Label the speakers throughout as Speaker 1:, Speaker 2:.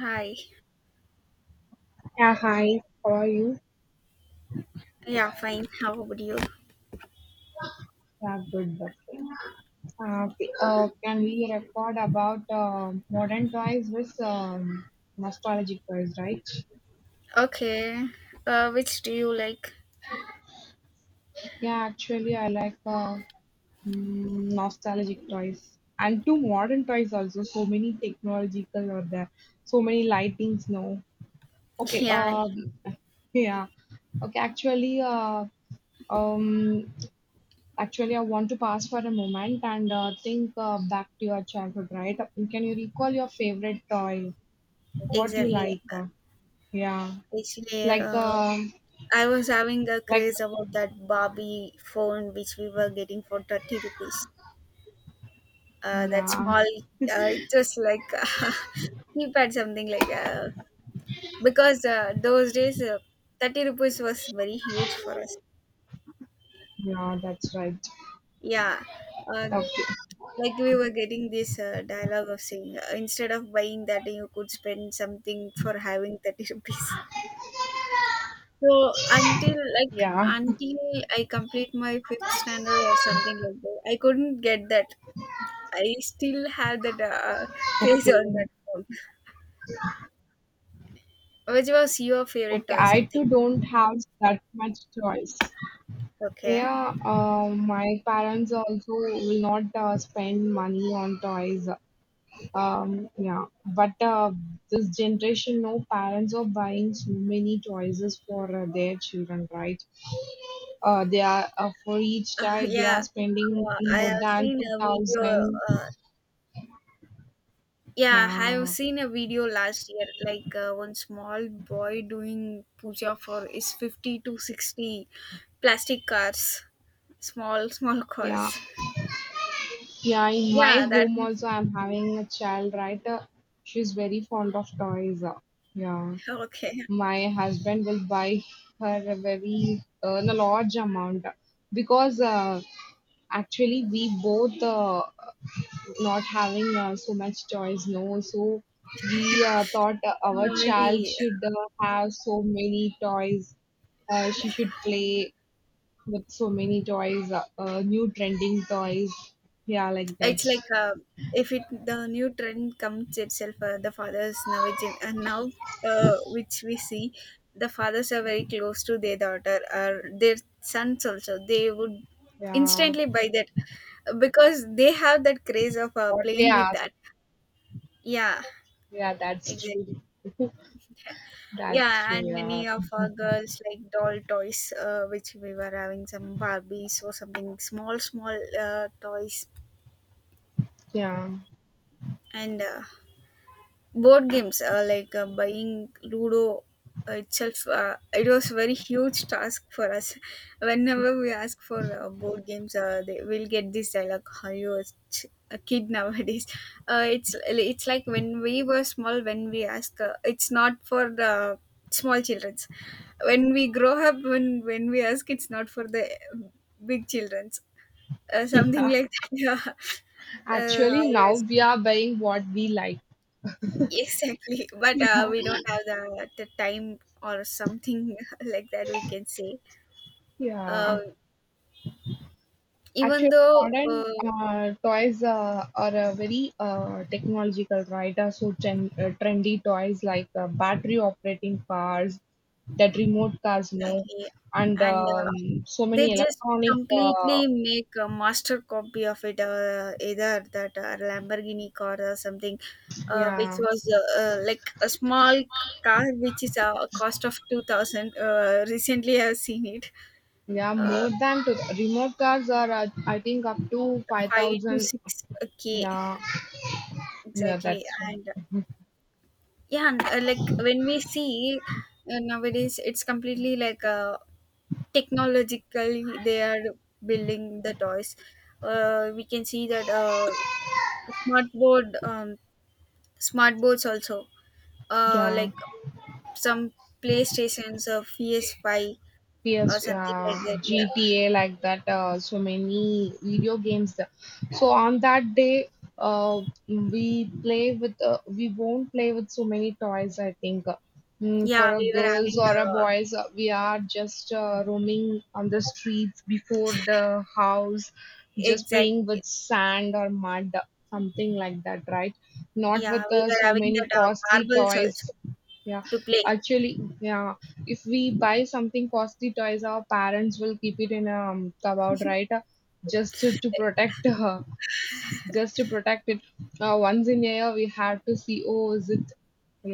Speaker 1: Hi.
Speaker 2: Yeah, hi, how are you?
Speaker 1: Yeah, fine. How about you?
Speaker 2: Yeah, good, okay. Can we record about modern toys with nostalgic toys, right?
Speaker 1: Okay. Which do you like?
Speaker 2: Yeah, actually, I like nostalgic toys and two modern toys also. So many technological or there, so many lightings now. Okay,
Speaker 1: Yeah,
Speaker 2: yeah, okay, um, Actually, I want to pause for a moment and think back to your childhood, right? Can you recall your favorite toy? What you
Speaker 1: exactly.
Speaker 2: like? Yeah,
Speaker 1: Actually,
Speaker 2: like, uh,
Speaker 1: I was having a
Speaker 2: like,
Speaker 1: craze about that Barbie phone which we were getting for 30 rupees. That
Speaker 2: yeah,
Speaker 1: small, it was like keypad, something like, because those days 30 rupees was very huge for us.
Speaker 2: yeah, that's right.
Speaker 1: Yeah. Uh,
Speaker 2: Okay,
Speaker 1: like we were getting this dialogue of saying, instead of buying that you could spend something for having 30 rupees. So until like
Speaker 2: yeah,
Speaker 1: until I complete my fifth standard or something like that, I couldn't get that. I still have that craze
Speaker 2: okay,
Speaker 1: on that phone. Which was your favorite
Speaker 2: okay.
Speaker 1: toy,
Speaker 2: I too
Speaker 1: something?
Speaker 2: don't have that much choice.
Speaker 1: Okay.
Speaker 2: Yeah, my parents also will not spend money on toys. Yeah, but this generation, no parents are buying so many choices for their children, right? They are For each child they are
Speaker 1: Yeah.
Speaker 2: spending
Speaker 1: I
Speaker 2: more
Speaker 1: have
Speaker 2: than
Speaker 1: seen
Speaker 2: two
Speaker 1: a video,
Speaker 2: thousand.
Speaker 1: Yeah, I've
Speaker 2: Yeah,
Speaker 1: seen a video last year, like one small boy doing puja for his 50 to 60 plastic cars, small, small
Speaker 2: yeah,
Speaker 1: cars.
Speaker 2: yeah. In my
Speaker 1: Yeah, that
Speaker 2: home
Speaker 1: makes.
Speaker 2: also, I'm having a child, right? She's very fond of toys. Yeah,
Speaker 1: Okay.
Speaker 2: my husband will buy her a very a large amount because actually we both, not having so much choice no so we thought our child
Speaker 1: Maybe
Speaker 2: should have so many toys, she should play with so many toys, new trending toys, yeah, like that.
Speaker 1: it's like, if it the new trend comes itself, the fathers now, and now, which we see, the fathers are very close to their daughter or their sons also. They would
Speaker 2: Yeah,
Speaker 1: instantly buy that because they have that craze of
Speaker 2: what they
Speaker 1: playing with
Speaker 2: ask.
Speaker 1: that. Yeah,
Speaker 2: Yeah, that's
Speaker 1: exactly.
Speaker 2: true, that's
Speaker 1: Yeah,
Speaker 2: true,
Speaker 1: and
Speaker 2: yeah,
Speaker 1: many of our girls like doll toys, which we were having some Barbies or something small, small toys,
Speaker 2: yeah.
Speaker 1: and board games, like buying ludo itself, it was very huge task for us whenever we ask for board games, they will get this dialogue: how you a, a kid nowadays. It's like when we were small, when we ask, it's not for the small children's. When we grow up, when we ask, it's not for the big children's, something
Speaker 2: Yeah,
Speaker 1: like that. Yeah.
Speaker 2: actually now
Speaker 1: Always.
Speaker 2: we are buying what we like.
Speaker 1: Exactly, but we don't have the time or something like that. We can say, uh,
Speaker 2: Yeah.
Speaker 1: even
Speaker 2: Actually,
Speaker 1: though,
Speaker 2: modern toys are very technological, right? Uh, trendy toys like battery operating cars, that remote cars, no,
Speaker 1: exactly,
Speaker 2: and
Speaker 1: and
Speaker 2: so
Speaker 1: they
Speaker 2: many
Speaker 1: just
Speaker 2: electronic.
Speaker 1: completely make a master copy of it. Either that Lamborghini car or something, which
Speaker 2: Yeah,
Speaker 1: was like a small car, which is a cost of 2,000. Recently, I've seen it,
Speaker 2: yeah,
Speaker 1: uh,
Speaker 2: more than to remote cars are I think up to five
Speaker 1: five to
Speaker 2: thousand.
Speaker 1: six k.
Speaker 2: Yeah, yeah,
Speaker 1: Exactly,
Speaker 2: that's
Speaker 1: and
Speaker 2: right.
Speaker 1: yeah. And, like when we see, nowadays it's completely like, technologically they are building the toys. We can see that, smart board um, smart boards also,
Speaker 2: Yeah.
Speaker 1: like some playstations or PS5 or
Speaker 2: PS,
Speaker 1: something like that. Yeah.
Speaker 2: GTA, like that, so many video games. There. So on that day, uh, we play with, we won't play with so many toys, I think. Mm,
Speaker 1: Yeah,
Speaker 2: for a
Speaker 1: we were
Speaker 2: girls
Speaker 1: having,
Speaker 2: or a boys, we are just roaming on the streets before the house, just playing with
Speaker 1: exactly.
Speaker 2: sand or mud, something like that, right? Not
Speaker 1: Yeah,
Speaker 2: with
Speaker 1: we were
Speaker 2: so
Speaker 1: having
Speaker 2: many
Speaker 1: that,
Speaker 2: costly
Speaker 1: marbles also
Speaker 2: toys. Yeah,
Speaker 1: to play.
Speaker 2: actually, yeah, if we buy something costly toys, our parents will keep it in a cupboard, right? Just to protect, just to protect it. Once in a year, we have to see. Oh, is it?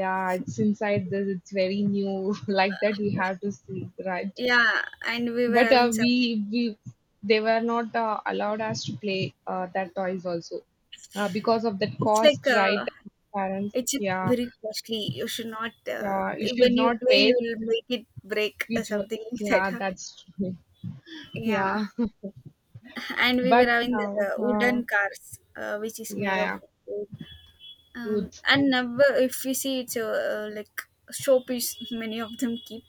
Speaker 2: Yeah, it's inside this. It's very new. Like that, we have to see, right?
Speaker 1: Yeah, and we were
Speaker 2: But
Speaker 1: having some.
Speaker 2: we they were not allowed us to play that toys also because of that
Speaker 1: It's like,
Speaker 2: cost, right? Parents,
Speaker 1: it's
Speaker 2: yeah,
Speaker 1: very costly. You should not.
Speaker 2: yeah. You
Speaker 1: When
Speaker 2: should
Speaker 1: you
Speaker 2: not
Speaker 1: play, you
Speaker 2: waste.
Speaker 1: will make it break or
Speaker 2: Which,
Speaker 1: something like that.
Speaker 2: yeah,
Speaker 1: Huh?
Speaker 2: that's true.
Speaker 1: Yeah,
Speaker 2: Yeah.
Speaker 1: and we were
Speaker 2: But
Speaker 1: having the,
Speaker 2: now,
Speaker 1: the wooden cars, which is
Speaker 2: yeah,
Speaker 1: made of
Speaker 2: yeah,
Speaker 1: wood. Um,
Speaker 2: wood,
Speaker 1: and now if you see, it's like showpiece. Many of them keep.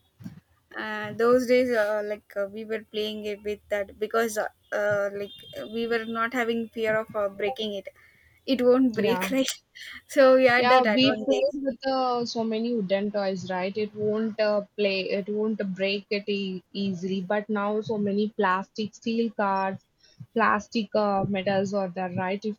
Speaker 1: Those days, like we were playing it with that because, like we were not having fear of breaking it. It won't break,
Speaker 2: yeah,
Speaker 1: right? So we had
Speaker 2: yeah.
Speaker 1: that
Speaker 2: We
Speaker 1: advantage.
Speaker 2: played with so many wooden toys, right? It won't break it e easily. But now, so many plastic steel cards, plastic metals are there, right? If,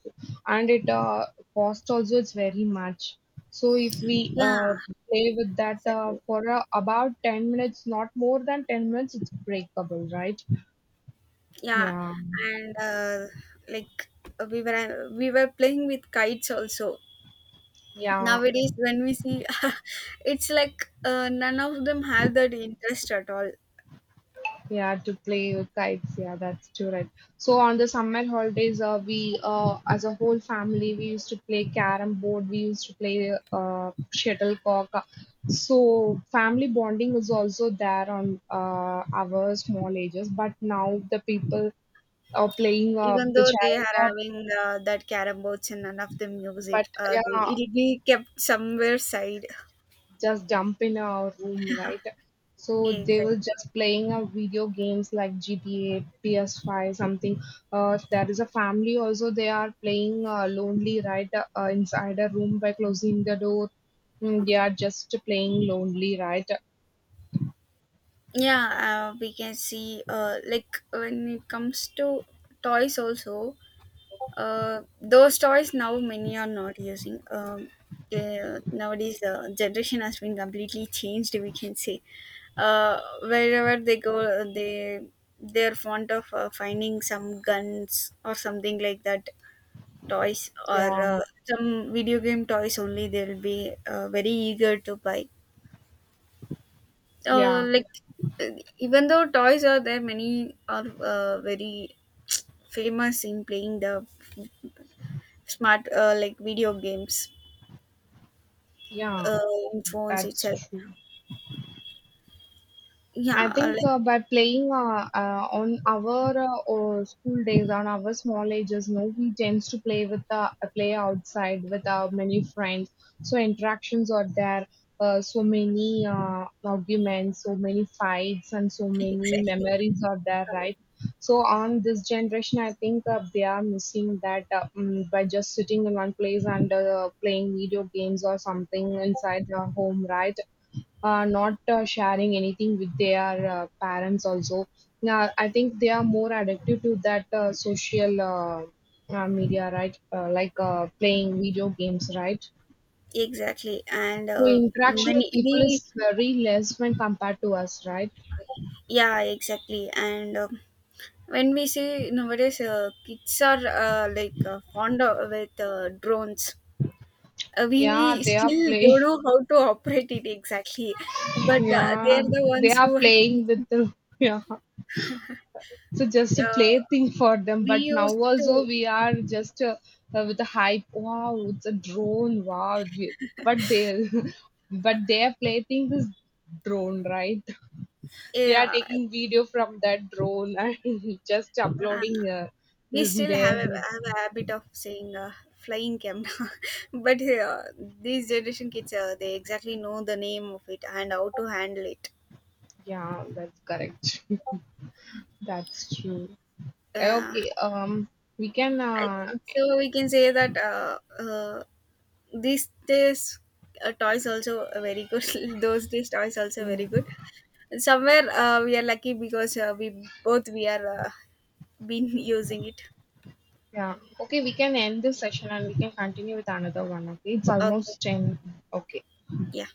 Speaker 2: and it cost also it's very much. So if we
Speaker 1: Yeah,
Speaker 2: play with that
Speaker 1: exactly.
Speaker 2: for about 10 minutes, not more than 10 minutes, it's breakable, right?
Speaker 1: Yeah,
Speaker 2: Yeah,
Speaker 1: and like, we were playing with kites also.
Speaker 2: yeah.
Speaker 1: Nowadays when we see it's like, none of them have that interest at all.
Speaker 2: Yeah, to play with kites. Yeah, that's true, right? So on the summer holidays, we, as a whole family, we used to play carom board. We used to play shuttlecock. So family bonding was also there on our small ages. But now the people are playing
Speaker 1: Even
Speaker 2: the
Speaker 1: though they
Speaker 2: child,
Speaker 1: are having, that carom boards, and none of them use
Speaker 2: but
Speaker 1: it, they,
Speaker 2: yeah,
Speaker 1: it'll be kept somewhere side.
Speaker 2: just jump in our room, right? So they were
Speaker 1: Exactly.
Speaker 2: just playing a video games like GTA, PS5, something. There is a family also. They are playing lonely, right, inside a room by closing the door. Mm, they are just playing lonely, right?
Speaker 1: Yeah, we can see, like, when it comes to toys also. Those toys now many are not using. Nowadays, the generation has been completely changed. We can say, wherever they go, they're fond of finding some guns or something like that toys, or
Speaker 2: Yeah,
Speaker 1: some video game toys only. They'll be very eager to buy.
Speaker 2: yeah,
Speaker 1: Like, uh, even though toys are there, many are very famous in playing the smart, like, video games,
Speaker 2: yeah.
Speaker 1: uh, in phones itself.
Speaker 2: That's true.
Speaker 1: Yeah,
Speaker 2: I think
Speaker 1: like,
Speaker 2: by playing on our or school days, on our small ages, no, we tends to play with the play outside with our many friends. So interactions are there. So many arguments, so many fights, and so many
Speaker 1: exactly,
Speaker 2: memories are there,
Speaker 1: uh,
Speaker 2: right? So on this generation, I think they are missing that by just sitting in one place and playing video games or something inside their home, right? Not sharing anything with their parents also. Now I think they are more addicted to that social media, right, like playing video games, right?
Speaker 1: exactly, and
Speaker 2: So interaction with
Speaker 1: many
Speaker 2: people
Speaker 1: we.
Speaker 2: is very less when compared to us, right?
Speaker 1: Yeah, exactly, and when we see nowadays, kids are, like, fond of, with drones.
Speaker 2: Yeah,
Speaker 1: We
Speaker 2: they are
Speaker 1: still
Speaker 2: playing.
Speaker 1: don't know how to operate it exactly, but they
Speaker 2: Yeah,
Speaker 1: are the
Speaker 2: they
Speaker 1: ones
Speaker 2: are
Speaker 1: who,
Speaker 2: playing with the. Yeah, so just a plaything for them,
Speaker 1: we
Speaker 2: but now
Speaker 1: used
Speaker 2: also
Speaker 1: to.
Speaker 2: we are just with the hype, wow, it's a drone, wow, but they, but their plaything is drone, right. They are
Speaker 1: Yeah,
Speaker 2: taking video from that drone and just
Speaker 1: uh,
Speaker 2: uploading
Speaker 1: we still have
Speaker 2: their.
Speaker 1: a habit of saying, flying camera. But these generation kids, they exactly know the name of it and how to handle it.
Speaker 2: Yeah, that's correct. That's true.
Speaker 1: uh,
Speaker 2: Okay, um, we can
Speaker 1: I think so we can say that, these days, toys also are very good. Those days toys also
Speaker 2: yeah,
Speaker 1: very good. Somewhere, we are lucky because, we both we are, been using it.
Speaker 2: yeah, okay, we can end this session and we can continue with another one. Okay, it's
Speaker 1: Okay.
Speaker 2: almost 10. Okay.
Speaker 1: Yeah.